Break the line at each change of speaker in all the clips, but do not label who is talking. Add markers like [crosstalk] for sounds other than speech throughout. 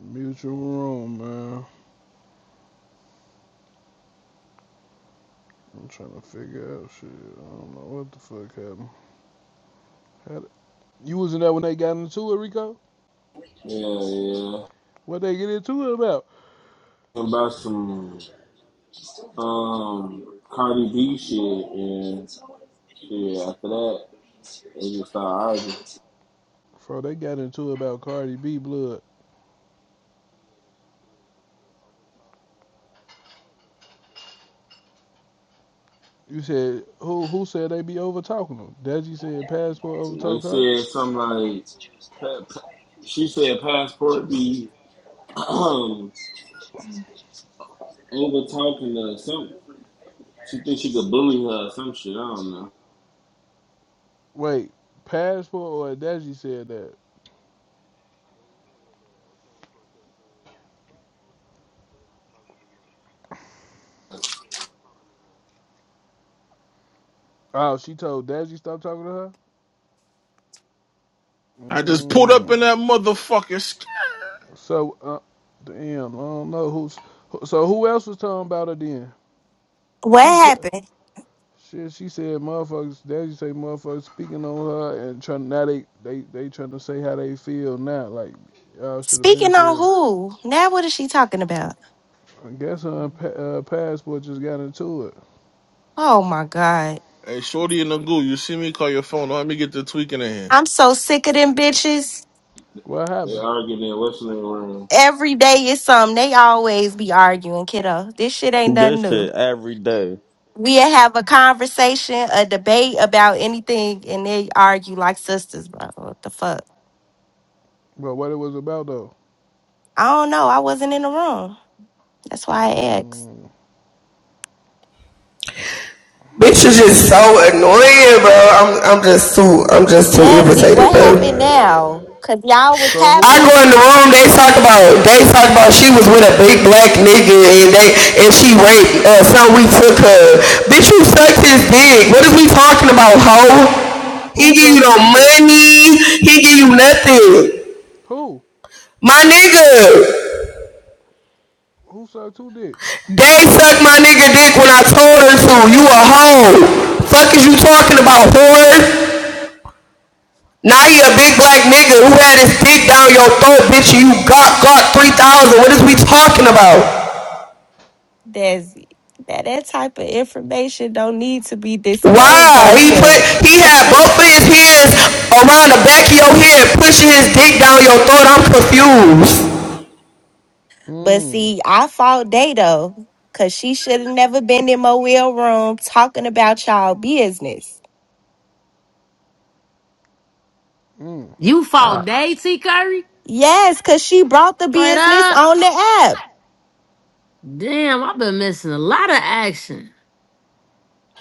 Mutual room, man. I'm trying to figure out shit. I don't know what the fuck happened. How the- you wasn't there when they got into it, Rico?
Yeah, yeah.
What they get into it about?
Talking About some um Cardi B shit and shit. After that, they just started arguing.
Bro, they got into it about Cardi B blood. You said who? Who said they be over talking them? Deji said passport over
They
talk her.
said something like, pa- pa- "She said passport be [clears throat] over talking to some. She thinks she could bully her or some shit. I don't know.
Wait, passport or Deji said that? Oh, she told Deji stop talking to her.
I just pulled up
Mm.
in that motherfucking. Sk-
So, uh, damn, I don't know who's. who- So who else was talking about her then?
What
She c-
happened?
Shit, she said motherfuckers. Daddy say motherfuckers speaking on her and trying now they they they trying to say how they feel now. Like y'all should have been
Speaking on
said.
who? Now what is she talking about?
I guess her pa- uh, passport just got into it.
Oh my god.
hey, shorty in the goo, you see me? Call your phone. Let me get the tweaking in here.
I'm so sick of them bitches.
What
They
happened?
arguing in wrestling room.
Every day is something. They always be arguing, kiddo. This shit ain't nothing
This
new.
shit every day.
We'll have a conversation, a debate about anything, and they argue like sisters, bro. What the fuck?
Well, what it was about though?
I don't know. I wasn't in the room. That's why I asked.
Mm,
Bitches
mm.
is so annoying, bro. I'm I'm just too I'm just too
Desi, what
irritated,
happened
bro.
now? Cause y'all was
So
I
who
go
having
else
in
is
the
speaking
room,
on?
they talk about they talk about she was with a big black nigga and they and she raped uh so we took her. Bitch you sucked his dick. What is we talking about, hoe?
Who
He give you
sucked
no
who dick?
money, he give you nothing.
Who?
My nigga,
Who sucked who dick?
they sucked my nigga dick when I told her
[laughs]
to. You a hoe. Fuck is you talking about, whore? Now you a big black nigga who had his dick down your throat, bitch. and You got got three thousand. What is we talking about?
Desi, that that type of information don't need to be disclosed
Why
on
he put
here.
he had both of his hands around the back of your head, pushing his dick down your throat? I'm confused.
But
Mm.
see, I fought Dato because she should have never been in my wheel room talking about y'all business.
Mm.
You
Uh,
fought Day T Curry?
yes, because she brought the
Straight
business
up?
on the app.
Damn, I've been missing a lot of action.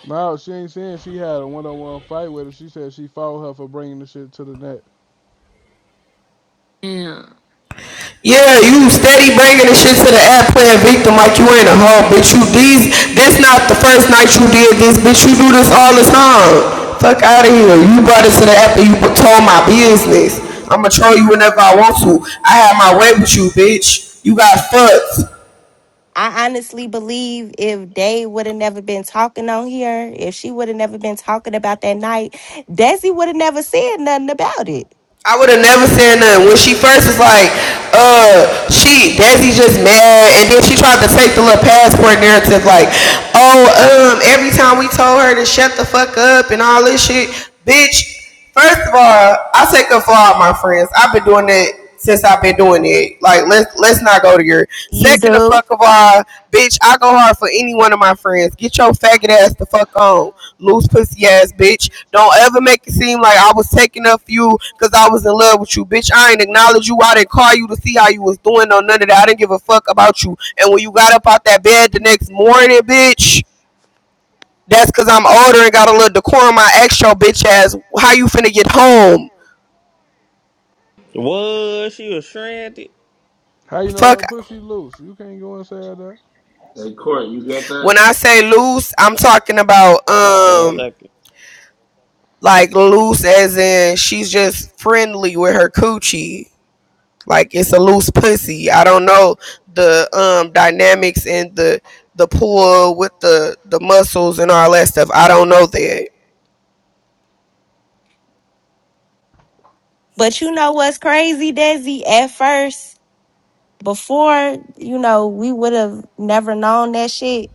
No, she ain't saying she had a one-on-one fight with her. She said she fought her for bringing the shit to the net.
Damn.
Yeah, you steady bringing the shit to the app playing victim like you ain't a hoe, bitch. You these, this not the first night you did this, bitch. You do this all the time. Fuck out of here. You brought it to the app and you told my business. I'ma troll you whenever I want to. I have my way with you, bitch. You got fucked.
I honestly believe if they would have never been talking on here, if she would have never been talking about that night, Desi would have never said nothing about it.
I would have never said nothing. When she first was like, uh, she, Desi just mad. And then she tried to take the little passport narrative like, oh, um, every time we told her to shut the fuck up and all this shit, bitch, first of all, I take up for all my friends. I've been doing that since I've been doing it. Like let's let's not go to your
You
second the
do.
fuck of all, bitch. I go hard for any one of my friends. Get your faggot ass the fuck on, loose pussy ass bitch. Don't ever make it seem like I was taking up for you because I was in love with you, bitch. I ain't acknowledge you. I didn't call you to see how you was doing or none of that. I didn't give a fuck about you. And when you got up out that bed the next morning, bitch. That's cause I'm older and got a little decorum. I asked your bitch ass, how you finna get home?
What? She was stranded?
How you know
Fuck
that pussy loose? You can't go inside that.
Hey, Court, you got that?
When I say loose, I'm talking about
Have a
um
second.
like loose as in she's just friendly with her coochie. Like it's a loose pussy. I don't know the um dynamics and the the pull with the the muscles and all that stuff. I don't know that.
But you know what's crazy, Desi? At first, before, you know, we would have never known that shit.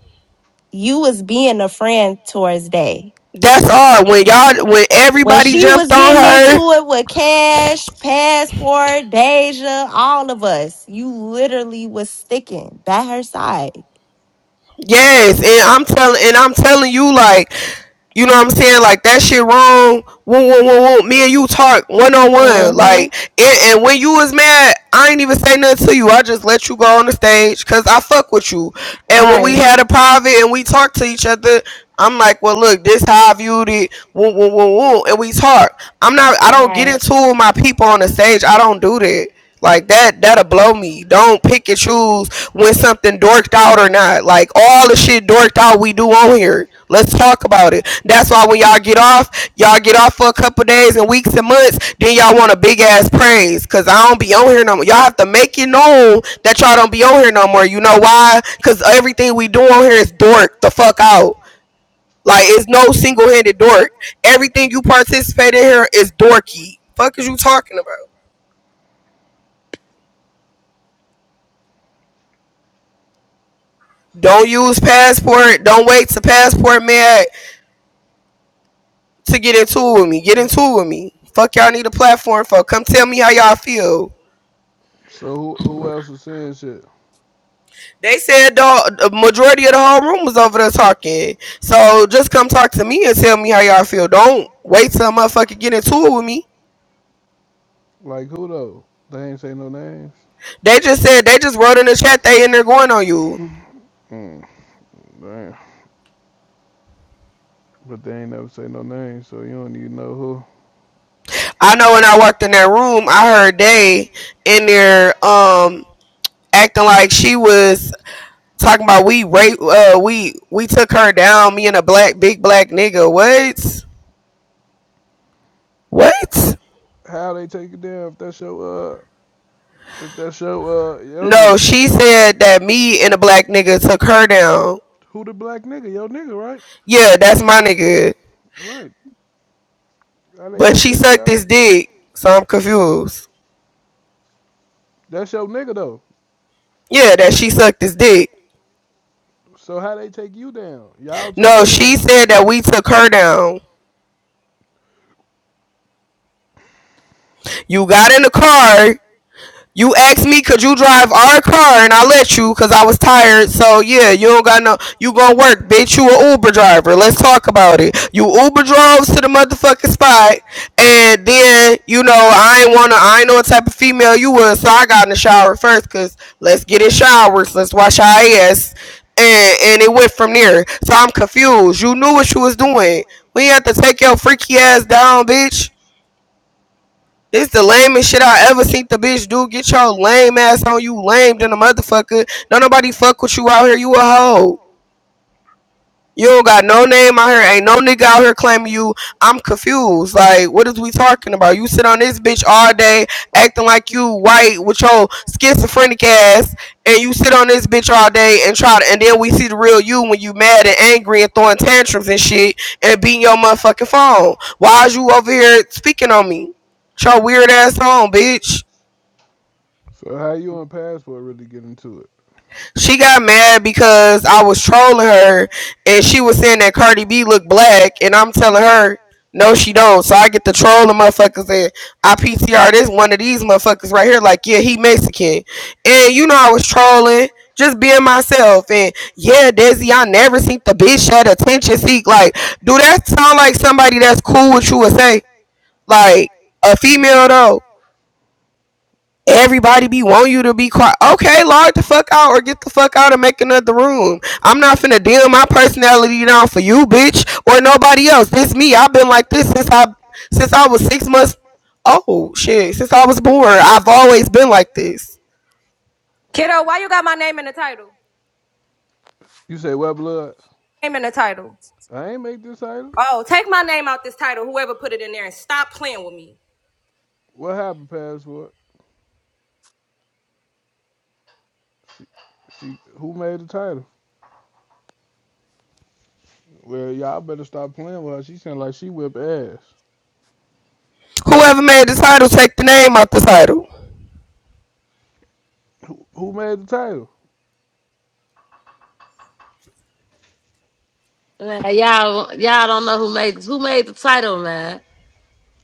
You was being a friend towards Day.
That's all. When y'all when
When
everybody
she
jumped
was
on
getting into
her,
it with Cash, Passport, Deja, all of us, you literally was sticking by her side.
yes, and I'm telling and I'm telling you like You know what I'm saying? Like that shit wrong. Woo, woo, woo, woo. Me and you talk one on one.
Mm-hmm.
Like, and, and when you was mad, I ain't even say nothing to you. I just let you go on the stage because I fuck with you. And when we
Right.
had a private and we talked to each other, I'm like, well, look, this how I viewed it. Woo, woo, woo, woo. And we talk. I'm not. I don't get
Right.
into my people on the stage. I don't do that. Like that, that'll blow me. Don't pick and choose when something dorked out or not. Like all the shit dorked out we do on here. Let's talk about it. That's why when y'all get off, y'all get off for a couple days and weeks and months, then y'all want a big ass praise. Cause I don't be on here no more. Y'all have to make it known that y'all don't be on here no more. You know why? Cause everything we do on here is dork the fuck out. Like it's no single handed dork. Everything you participate in here is dorky. Fuck is you talking about? Don't use passport. Don't wait to passport man to get into it with me. Get into it with me. Fuck y'all need a platform for. Come tell me how y'all feel.
So who, who else is saying shit?
They said the majority of the whole room was over there talking. So just come talk to me and tell me how y'all feel. Don't wait till a motherfucker get into it with me.
Like who though? They ain't say no names.
They just said they just wrote in the chat they in there going on you.
Mm, damn. But they ain't never say no names, so you don't even know who.
I know when I walked in that room, I heard they in there um acting like she was talking about we rape uh we we took her down, me and a black big black nigga. What? What?
How they take it down if that's your uh if that's your uh your
No,
nigga.
she said that me and a black nigga took her down.
Who the black nigga? Your nigga, right?
Yeah, that's my nigga.
Right. How they
But
take
she
you
sucked
yeah,
his dick, so I'm confused.
that's your nigga though.
Yeah, that she sucked his dick.
So how they take you down? Y'all took
No,
her
she
down.
said that we took her down. You got in the car You asked me, could you drive our car? And I let you because I was tired. So, yeah, you don't got no. You gonna work, bitch. You a Uber driver. Let's talk about it. You Uber drove to the motherfucking spot. And then, you know, I ain't wanna. I ain't know what type of female you was. So I got in the shower first because let's get in showers. Let's wash our ass. And, and it went from there. So I'm confused. You knew what you was doing. We had to take your freaky ass down, bitch. This the lamest shit I ever seen the bitch do. Get your lame ass on you, lame than a motherfucker. Don't nobody fuck with you out here. You a hoe. You don't got no name out here. Ain't no nigga out here claiming you. I'm confused. Like, what is we talking about? You sit on this bitch all day acting like you white with your schizophrenic ass, and you sit on this bitch all day and try to. And then we see the real you when you mad and angry and throwing tantrums and shit and beating your motherfucking phone. Why is you over here speaking on me? It's your weird ass home, bitch.
So how you and Passport really get into it?
She got mad because I was trolling her and she was saying that Cardi B looked black and I'm telling her no she don't. So I get to troll the motherfuckers and I P T R. this one of these motherfuckers right here like yeah he Mexican. And you know I was trolling, just being myself and yeah Desi I never seen the bitch at attention seek. Like do that sound like somebody that's cool with you would say? Like a female though. Everybody be want you to be quiet. Okay, log the fuck out or get the fuck out and make another room. I'm not finna deal my personality down for you, bitch, or nobody else. This me. I've been like this since I since I was six months. Oh shit, since I was born, I've always been like this.
Kiddo, why you got my name in the title?
You say what blood?
Name in the title.
I ain't make this title.
Oh, take my name out this title, whoever put it in there, and stop playing with me.
What happened, Passport? She, she who made the title? Well, y'all better stop playing with her. She sound like she whip ass.
Whoever made the title, take the name out the title.
Who, who made the title?
Man, y'all y'all don't know who made who made the title, man.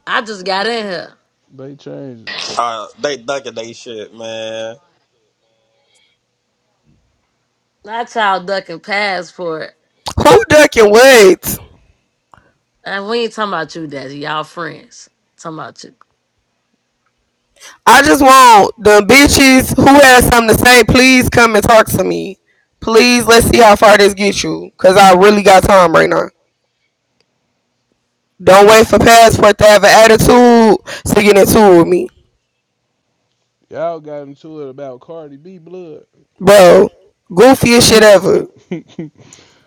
I just got in here.
They changed
Uh, they ducking they shit, man.
Not y'all ducking passport.
Who ducking what?
And we ain't talking about you, Desi. Y'all friends. Talking about you.
I just want the bitches who has something to say. Please come and talk to me. Please, let's see how far this gets you, cause I really got time right now. Don't
it.
wait for passport to have an attitude to get into with me.
Y'all got into it about Cardi B blood.
Bro, goofiest
[laughs]
shit ever.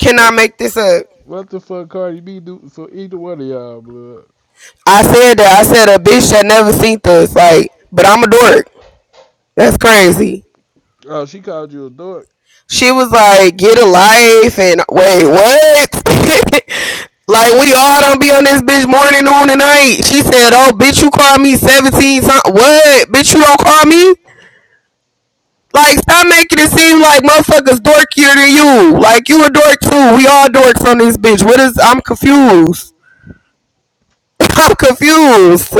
Can I
what the
make this up?
what the fuck Cardi B do for either one of y'all blood?
I said that. I said a bitch that never seen this. Like, but I'm a dork. That's crazy.
Oh, she called you a dork.
She was like, get a life and wait, what? [laughs] like we all don't be on this bitch morning, noon, and night. She said, oh bitch, you call me 17 times. What? Bitch, you don't call me? Like, stop making it seem like motherfuckers dorkier than you. Like, you a dork too. We all dorks on this bitch. What is? I'm confused. [laughs] I'm confused.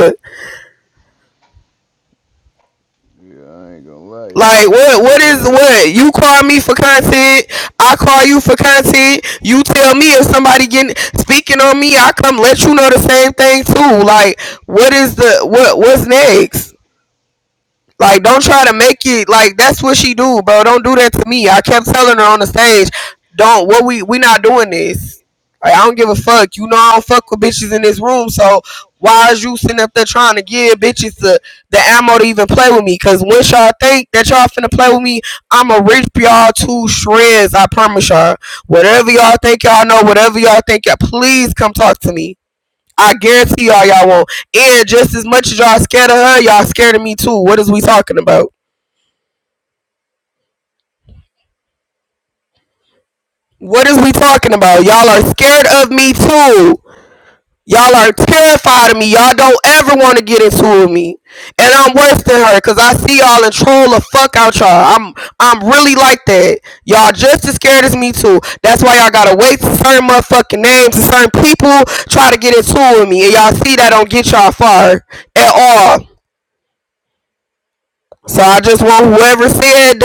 Yeah, I ain't gonna lie,
Like,
y'all
what? What is
correct.
what? You call me for content. I call you for content. You tell me if somebody getting speaking on me. I come let you know the same thing too. Like, what is the what? What's next? Like, don't try to make it like that's what she do, bro. Don't do that to me. I kept telling her on the stage, don't what we we not doing this. Like, I don't give a fuck. You know I don't fuck with bitches in this room, so why is you sitting up there trying to give bitches the, the ammo to even play with me? Cause once y'all think that y'all finna play with me, I'ma rip y'all to shreds. I promise y'all. Whatever y'all think y'all know, whatever y'all think y'all please come talk to me. I guarantee y'all y'all won't. And just as much as y'all scared of her, y'all scared of me too. What is we talking about? What is we talking about? Y'all are scared of me too. Y'all are terrified of me. Y'all don't ever want to get into with me. And I'm worse than her because I see y'all and troll the fuck out y'all. I'm I'm really like that. Y'all just as scared as me too. That's why y'all gotta wait for certain motherfucking names and certain people try to get into with me. And y'all see that don't get y'all far at all. So I just want whoever said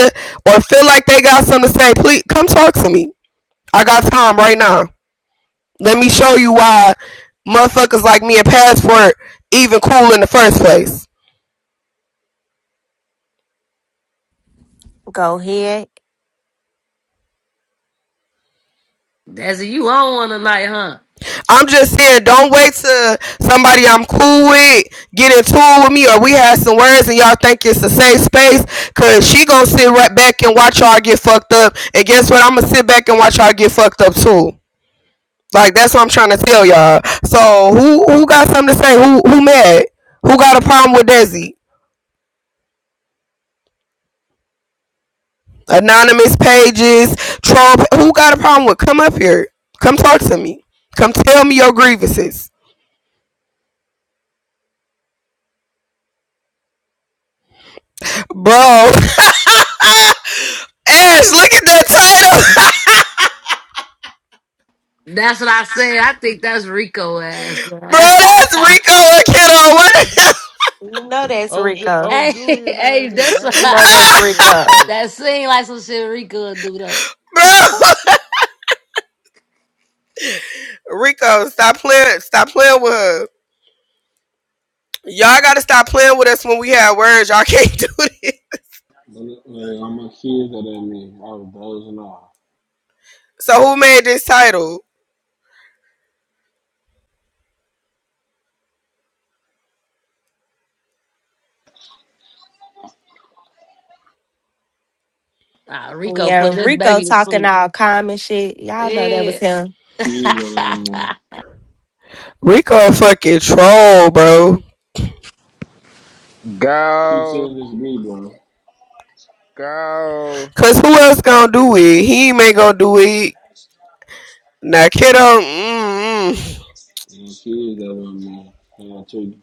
or feel like they got something to say, please come talk to me. I got time right now. Let me show you why motherfuckers like me and Passport even cool in the first place.
Go ahead.
Desi, you on one tonight, huh?
I'm just saying, don't wait till somebody I'm cool with get in tune with me or we had some words and y'all think it's a safe space because she gonna sit right back and watch y'all get fucked up. And guess what? I'm gonna sit back and watch y'all get fucked up too. Like that's what I'm trying to tell y'all. So who who got something to say? Who who mad? Who got a problem with Desi? Anonymous pages, troll. Who got a problem with? Come up here. Come talk to me. Come tell me your grievances, bro. [laughs] Ash, look at that title,
That's what I said. I think that's Rico ass,
[laughs] bro.
man.
That's Rico and Kiddo.
You know that's
On Ju-
[laughs]
Rico.
on
hey,
Julian, that
hey,
ain't me.
that's
I ain't
You
even
know
on
that's
this. I'm
Rico.
[laughs]
talking.
that seemed like some shit Rico would do though.
What, [laughs] bro? Rico, stop playing. Stop playing with her. Y'all gotta stop playing with us when we have words. Y'all can't do it. [laughs]
Like, all my kids are that me. I was dozing off.
So who made this title?
Nah, Rico
Yeah,
put this
Rico
baby to
talking
sleep.
all calm and shit. Y'all know that
Yeah.
was him.
You know what I
[laughs]
mean?
Rico a fucking troll, bro.
Keep
Go,
saying this, to me, bro.
go.
Cause who else gonna do it? He ain't gonna do it. Now, kiddo. Mm-mm.
And the kids that want me, And I told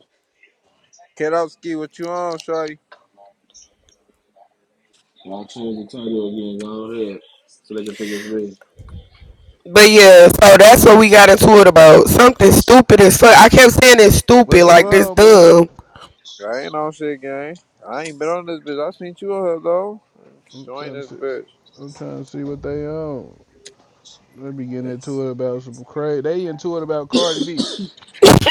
Kedowski, what you on, shorty?
I changed the title again, go ahead. So they can think it's me.
But yeah, so that's what we got into it about. Something stupid as fuck. I kept saying it's stupid,
What you
like this
on, blood?
dumb.
I ain't on shit, gang. I ain't been on this bitch. I seen you on her, though.
I'm
Join
trying to
this
see. I'm trying to see what they own. They be getting into it about some crazy. They into it about Cardi B.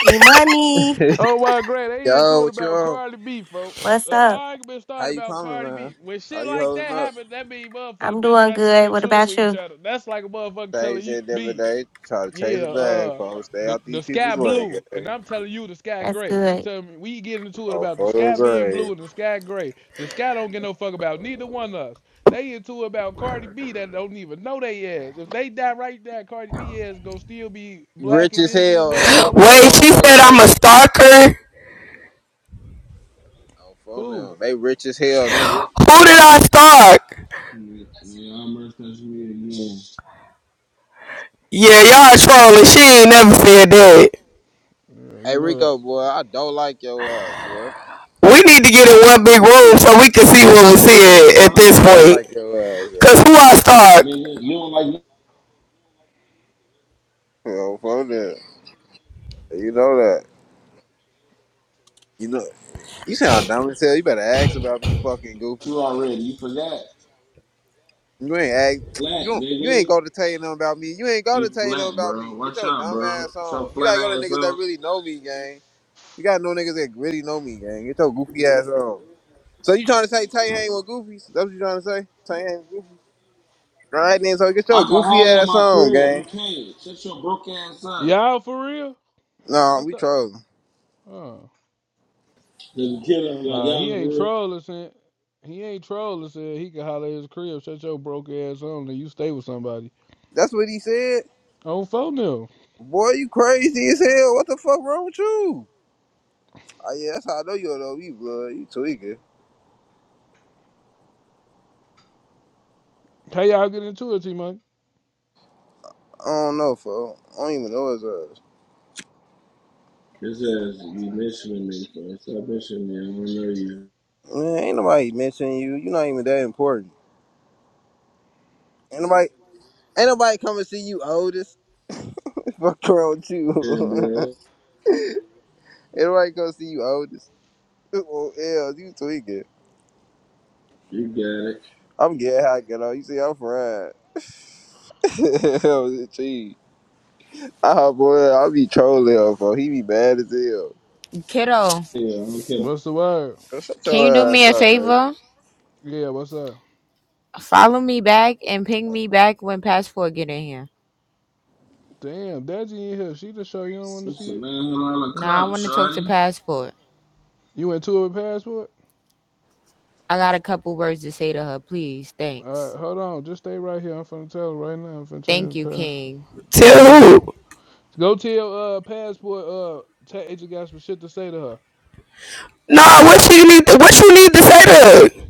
E money.
bitch.
Oh my God!
[laughs]
they
Yo,
into it
what you
about
on?
Cardi B, folks.
What's
The
up?
argument
How
started
you
about
coming,
Cardi B.
man?
When
How
shit
you
like that
holding up?
happened, that mean motherfuckers
I'm
been
doing
trying to get
good. What
into it
about
with each
you?
other. That's like a motherfucker
Same
telling you,
shit every
B,
day. Try to
yeah,
chase a bag,
uh,
folks. Stay
the
out
the
these
sky
people's way,
blue, and
gang.
I'm telling you the sky
That's
gray. You
good.
tell me we get into it
Oh,
about the sky
photos
being
way.
blue and the sky gray. The sky don't get no fuck about neither one of us. They into it about Cardi B that don't even know they ass. If they die right there, Cardi B ass gonna still be black,
Rich
and
as
this is
hell and
what I
don't know the
Wait,
want to
she
do.
motherfucking
said I'm a
person.
stalker.
Oh, phone
Who?
them. They rich as hell. Them rich people
Who did
problem.
I stalk?
Mm, Yeah, I'm referencing me again.
Yeah, y'all trolling. She ain't never said that.
Yeah, you
Hey,
know that.
Rico, boy, I don't like your ass, boy.
We need to get in one big room so we can see what we
[laughs]
The
see at
fuck?
I
this
don't
point.
like your ass,
Cause
ready?
who I stalk?
Nigga, you don't like
Yo, fuck that. You know that. You know you sound dumb as hell. You better ask about me, fucking goofy.
you already. You forgot.
You ain't ask. You
Flat,
don't. You ain't
nigga.
go to tell you nothing about me. You ain't go to
You
tell you nothing
flat,
about
bro.
me. Get
Watch
your
out,
dumb
bro.
ass
So
on. You
flat
gotta go to
ass
niggas that
up.
really know me, gang. You gotta know niggas that really know me, gang. Get your goofy ass on. So you trying to say Tay hang with goofies? That's what you trying to say? Tay hang with goofies? All right then. So get
I
your
can
goofy
holler at
ass
my
on,
crib. You
gang.
can't. Shut your broke ass up.
Y'all for real?
Nah,
I
we
thought.
trolling.
Oh,
Nigga, kill like
nah, he
y'all for
ain't
real.
trolling. Since, he ain't trolling. Said he can holler at his crib. Shut your broke ass on, and you stay with somebody.
That's what he said.
On phone now.
Boy, you crazy as hell. What the fuck wrong with you? Oh yeah, that's how I know you're though. You blood, you tweaking.
How y'all get into it, T Money?
I don't know, fo. I don't even know his ass.
This ass be mentioning me, bro. Stop mentioning me. I don't know you.
Man, ain't nobody mentioning you. You're not even that important. Ain't nobody, ain't nobody coming to see you, oldest. [laughs] Fuck wrong with you?
Yeah,
[laughs] ain't
blood.
nobody come see you, oldest. [laughs] Oh, hell, you tweaking.
You got it.
I'm getting how I get on. You see, I'm fried. [laughs] hell, it's cheese. Ah, boy, I be trolling him, fo. He be bad as hell.
Kiddo,
Yeah, I don't care.
What's the word?
Shut
can you do
your ass
me a
up, man. [laughs]
favor?
Yeah, what's up?
Follow me back and ping me back when Passport get in here.
Damn, Daddy in here. She the show. You don't want to
What's
see
a
it?
nine hundred dollar
Now I
cup,
want to talk to
shorty?
Passport.
You into it with passport?
I got a couple words to say to her. Please,
All
thanks.
right, hold on. Just stay right here. I'm finna tell her right now. I'm finna
Thank
change
you,
the pa-
King.
Tell
passport.
who?
Go tell uh passport uh tag agent got some shit to say to her.
Nah, what she need? To, What you need to say to? her?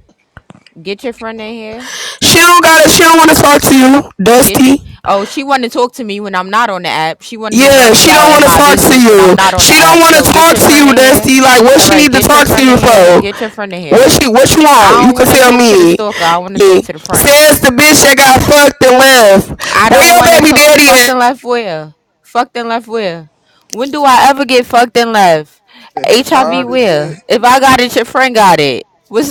Get your friend in here.
She don't gotta. She don't want to talk to you,
Get. y-
Dusty.
oh, she want to talk to me when I'm not on the app. She want to be
Yeah,
worried
she
about
don't
in
want to
my
talk to
business when I'm
you.
not on the
She don't
app.
want to
So get
talk
your
to
friend
you,
in here.
Dusty. Like, what
All
she
right,
need to
get your
talk to
friend
you
in here.
for?
Get your friend in
What
here.
she? What you
I
want? You
don't
can
want to
tell
talk to the
me.
stalker. I want to
Yeah.
talk to the friend.
Says the bitch that got fucked and left.
I
Where
don't
your
want
baby
to
daddy
fucked
at?
and left where? Fucked and left where? When do I ever get fucked and left?
Yeah,
HIV
started
Mm.
shit.
where? If I got it, your friend got it. What's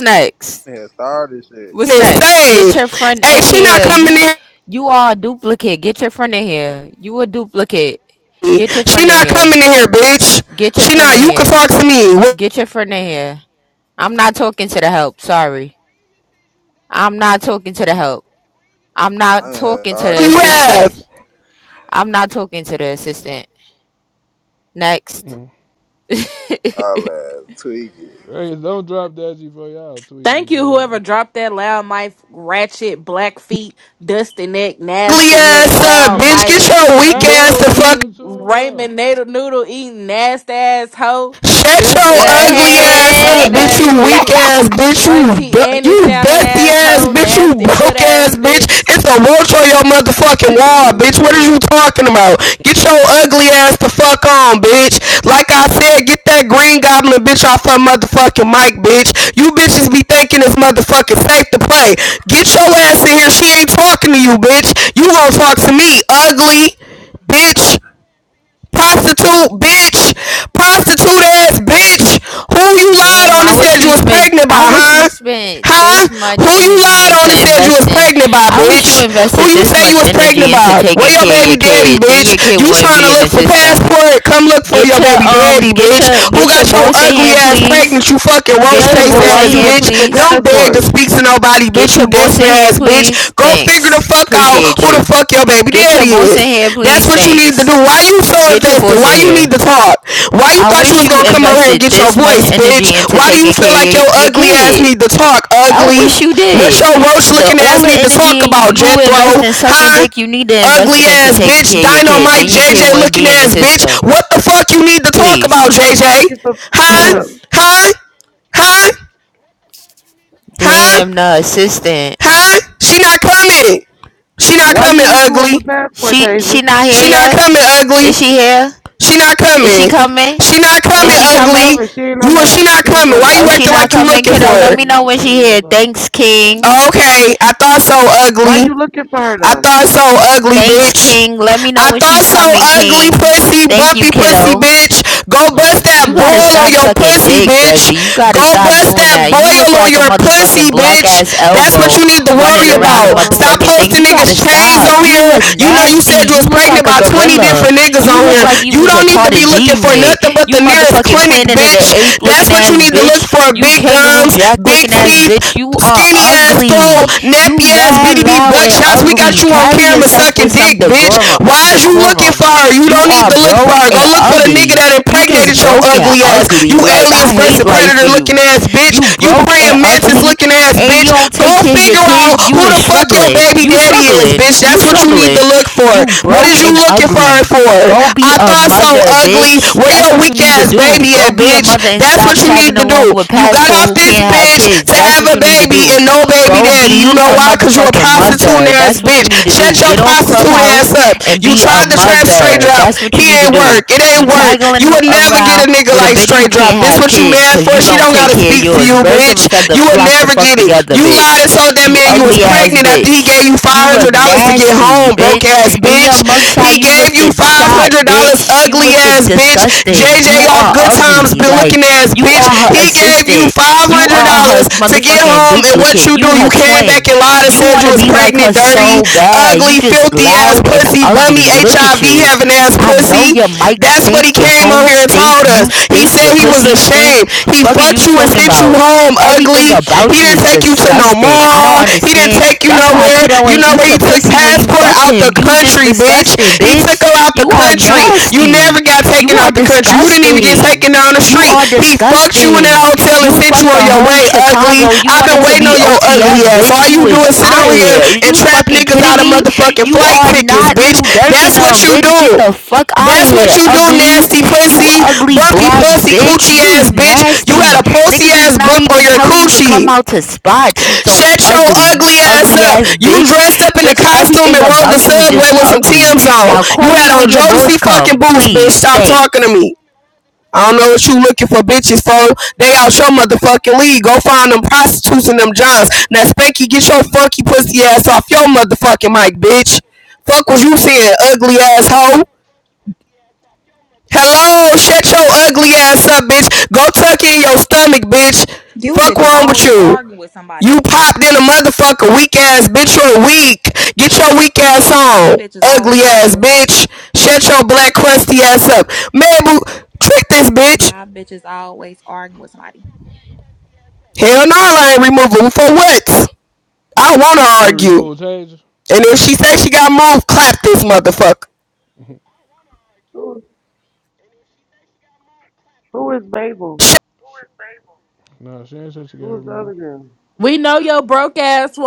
I
next?
ain't had started shit.
What's next? Get
Save.
your friend
Hey,
in
she not
here.
coming
You
in.
you are a duplicate. Get your friend in here. You a duplicate.
here.
Get your
She
friend in
not
here.
coming in here, bitch.
Get your
She
friend
not.
in
You can
here.
talk to me. What
Get your friend in here. I'm not talking to the help. Sorry. I'm not talking to the help. I'm not
I'm in here
talking to
do
starting
the
you
shit.
assistant.
have?
I'm not talking to the assistant. Next.
mm.
[laughs]
All that tweaking.
Hey, don't drop Daddy for y'all tweaking,
Thank you,
blood.
whoever dropped that loud mic, ratchet, black feet, dusty neck,
Ugly
nasty neck,
ass up,
loud
You,
bitch.
mic,
Get your weak
how
ass
are
noodle
the fuck
y'all
eating,
into it with her?
Raymond Nader noodle eating, nasty ass hoe,
Shut
dusty
Hey,
your
ass
who is
ugly
that
cigarette
ass
dropping
Good.
up,
her,
[laughs]
smoking
bitch. You
ass
bro?
weak
bitch,
ass, bitch. You
Auntie Annie
you
sounding
dusty
ass
ass,
hoe,
bitch. You
nasty foot
broke
ass
ass, bitch.
bitch.
It's a roach on your motherfucking
That's one of
wall,
them uh,
bitch. What are you talking about? Get your ugly ass the fuck on, bitch. Like I said, get that green goblin bitch off her motherfucking mic, bitch. You bitches be thinking it's motherfucking safe to play. Get your ass in here. She ain't talking to you, bitch. You gonna talk to me, ugly bitch prostitute bitch, prostitute ass bitch. Who you lied
Damn,
on
I
and
wish
said you
you
was
spent
pregnant by,
I wish you
huh?
spent
Huh?
this much
Who you
energy
lied
into
on and said you was
investing.
pregnant by,
I wish you
bitch? Who
invested
you
this
say you
much
was pregnant
energy into
by? Where
taking
your
care of
baby
your
daddy,
kid. Then
bitch?
your kid
You
wouldn't
trying
be
to
in the
look for
system.
passport? Come look for
Get
your
your
baby
um
daddy,
get
bitch.
your
Who
get your
got your
boss in
ugly
here,
ass
please.
pregnant, you fucking roach
Get your
face
Tasia,
boss
why
in
ass
you
here,
bitch?
looking for
please.
Don't beg to
password?
speak to nobody, bitch,
Get your
you
boss in
desperate
here,
ass bitch.
please.
Go figure the
Thanks.
fuck out
Appreciate
who the
you.
fuck your baby
Get your
daddy
boss in
is.
here,
That's
please.
what you need to do.
Thanks.
Why you so
Get your
invested?
boss
Why
in
you
here.
need to talk? Why you
I
thought you
wish
was
you
gonna come over here and
invested
get your
this much
voice, bitch?
energy into
Why do
taking
you feel
care of
like
your,
your
your
ugly ass
kid.
need to talk,
I
ugly?
wish you
What
did.
your roach
The
looking
all
ass
the
need to
energy
talk
you,
about,
you invest
Jethro?
in sucking
Huh?
dick, you need to invest
Ugly
it into
ass
taking
bitch,
care of your kid.
dynamite
Then your kid
JJ
wouldn't
looking
be in the
ass bitch.
system.
What the fuck you need to talk about,
Please.
Why you
JJ?
looking for?
Huh?
Please.
Huh? Huh? Huh?
Damn the assistant.
Huh? She not coming. She
[clears throat]
not
why
coming
you into it
ugly.
with passport,
She
Tasia?
she not here
She not
yet?
coming
Is
ugly.
she here?
She not
Is she
coming.
coming?
She not
Nah,
coming,
Is she
she ain't
coming?
ugly.
coming. She ain't on
You and she
that.
not
She ain't
coming.
coming.
Why
Oh,
you
she
acting
not
like you
coming,
looking for
kiddo. Let
her?
me know
Mm,
when she
sure you
here.
was on.
Thanks, King.
Oh, okay, I thought so,
Why
ugly.
you looking for her
I
though?
thought so ugly,
Thanks,
bitch.
King. Let me know
I
when
thought
she's
so
coming,
ugly,
King.
pussy,
Thank you,
bumpy pussy,
kiddo.
bitch. Go bust
Nah, she
You
that
gonna
gotta
boil
come.
on
stop
your
sucking
pussy,
dick,
bitch.
Desi. You gotta
Go
stop
bust
doing
that
that. You look
boil on
like a
your
motherfucking
pussy,
black
bitch.
ass
That's what
elbow
you need to
running
worry
around
Desi,
the
about.
hold on,
Stop
motherfucking thing.
Desi.
You
posting
gotta
niggas' chains
stop.
on
You
here.
look
You know you
nasty.
said you
You
was
look like
pregnant
a
by 20
gorilla.
different niggas
You
on
look
here.
like you
You
was a
don't need
part
to be
of G
looking for
Unit.
nothing but
You
the nearest
motherfucking
clinic,
Planet of the
bitch.
Ape looking
That's what you
ass
need to
bitch.
look for.
You
Big
Kangaroo
gums,
Jack
big
looking ass
teeth,
bitch. You are
skinny ass, throw
ugly. You
nappy ass
mad,
BDB
loud, and
buckshots. We got
ugly.
you on
Carry
camera
yourself with
sucking
some
dick, bitch.
decorum.
Why is you looking
decorum.
for her? You
You
don't need
are
to look for
broke
her. Go
and
look for the
ugly.
nigga that
You
impregnated
just
your
broke and
ugly ass.
ugly.
You
Like
aliens
I
versus
hate life for
predator looking
you.
ass, bitch.
You
You
broke and
praying mantis
ugly,
looking ass,
and
bitch.
you don't
Go
take care of your
figure out out
kids. You
who
is
the fuck your
struggling.
baby
You
daddy is,
struggling.
bitch.
You
That's what you need to
struggling.
look for.
You
What
broke
is you
and
looking for her
ugly.
for?
Go be
I
a
thought so
mother,
ugly.
bitch.
Where
That's
your
what you
weak
need to
ass
do.
baby
Go
at,
be a
bitch?
mother and
That's
stop
what you
tagging
need to do.
along with
You got
passport
off
who
this
can't have
bitch
kids.
to
That's
have
what
a
you need to
baby
do.
and no baby
Go
daddy. You
be
know
a
why? Cause you a
motherfucking
prostitute
mother.
ass
That's what you
bitch.
need to
Shut
do.
your
Get off
prostitute
clubhouse
ass up.
and
You
be a
tried to trap straight
mother.
drop.
That's what you
He
need to
ain't
do.
work. It
You
ain't work.
tagging
You would never get
around
a nigga
with a
like
bitch who
straight drop.
can't
This
have
what you
kids
mad
because
for?
you
She
don't
don't
take
gotta
care of
speak to you
yours.
you,
Birds of a
bitch.
feather
You will
flock the
never
fuck
get it.
together,
You
bitch.
lied and told that
You
man you was
ugly ass
pregnant after he
bitch.
gave you
You
five
look
hundred dollars to get
nasty,
home, broke
bitch.
ass
And your
bitch.
mugshot,
He
you
gave
looked
you
at
five
shot,
hundred dollars,
bitch. You
ugly
looked at
ass bitch.
disgusting.
JJ
You
off
are
good times,
ugly.
been
Like,
looking ass
you
bitch.
are her
He gave you
assistant.
five
You
hundred
are her
dollars to get
motherfucking
home, and what
duplicate.
you do?
You her
You came back
twin.
and lied and
You
said
want
you
to
was
be like
pregnant,
her
dirty,
so bad. You
ugly,
just
filthy ass
loud and
pussy, bummy,
ugly. Look at
HIV
you.
having ass
I know
pussy.
your mic
That's what
stink,
he
your
came on
phone
here and
stink,
told
you
us was. He
stink, your
said he was
pussy stink.
ashamed. He
Fuck is
fucked
you
you and
talking
sent you
about?
home
Everything
ugly. He
about you
didn't
is
take you to no
disgusting. I don't
mall. He didn't
understand.
take you
That's why
nowhere.
kiddo
You
ain't
know
eat
where he
your
took
pussy when you
passport
fucked
out the
him. You just
country, bitch.
disgusting,
He took her
bitch.
out the
You are
country. You
nasty.
never got
You
taken
are
out the country. You didn't even get
disgusting.
taken down the
You
street.
are
He fucked you in that
disgusting.
hotel and
You
sent you
fucked
on
the
your
whole
way ugly.
Chicago. You
I've
wanted
been
to
waiting
be
on your ugly
OTF,
ass.
bitch.
All
You
you do
was
is sit
out of
over here
here. Is
and
you
trap
fucking
niggas
kidding
out of
me?
motherfucking
You
flight
are
tickets,
not
bitch.
little Dirk in
That's what
them,
you
bitch. Get
do.
the fuck out of
That's what
here,
you do,
ugly.
nasty
You
pussy,
ugly
bumpy
black
pussy,
bitch.
coochie
You
ass
is
bitch. You
nasty.
had a pussy
Niggas is
ass
not
bump on
even
your
telling you to come
coochie.
out to spots. You so
Shut your
ugly. You
ugly ass
ugly
up.
ass
You
bitch.
dressed up in a
Bitch,
costume and
everything
rode the
about you is
subway
just
with some
ugly.
Tim's on.
Now
You
call
had
me
on
when your boys
Jodeci fucking
come,
boots, bitch.
please.
Stop talking to
Thanks.
me. I don't know what you looking for bitches for. They out your motherfucking league. Go find them prostitutes and them johns. Now Spanky, get your funky pussy ass off your motherfucking mic, bitch. Fuck was you saying, ugly asshole? Hello, shut your ugly ass up, bitch. Go tuck in your stomach, bitch.
You
Fuck
bitches
wrong with
always
you.
arguing with somebody.
You popped in a motherfucker, weak ass bitch. You're weak. Get your weak ass
You
on,
bitches always
ugly
arguing
ass
with somebody.
bitch. Shut your black crusty ass up, man. Boo, trick this bitch.
Y'all bitches always arguing with somebody.
Hell no, I ain't removing for what? I don't wanna
You
argue.
removed Tasia?
And if she says she got moved, clap this motherfucker.
[laughs]
Who, who is Mabel?
nah, she ain't said she got
Who is the
removed.
other girl?
We know your broke ass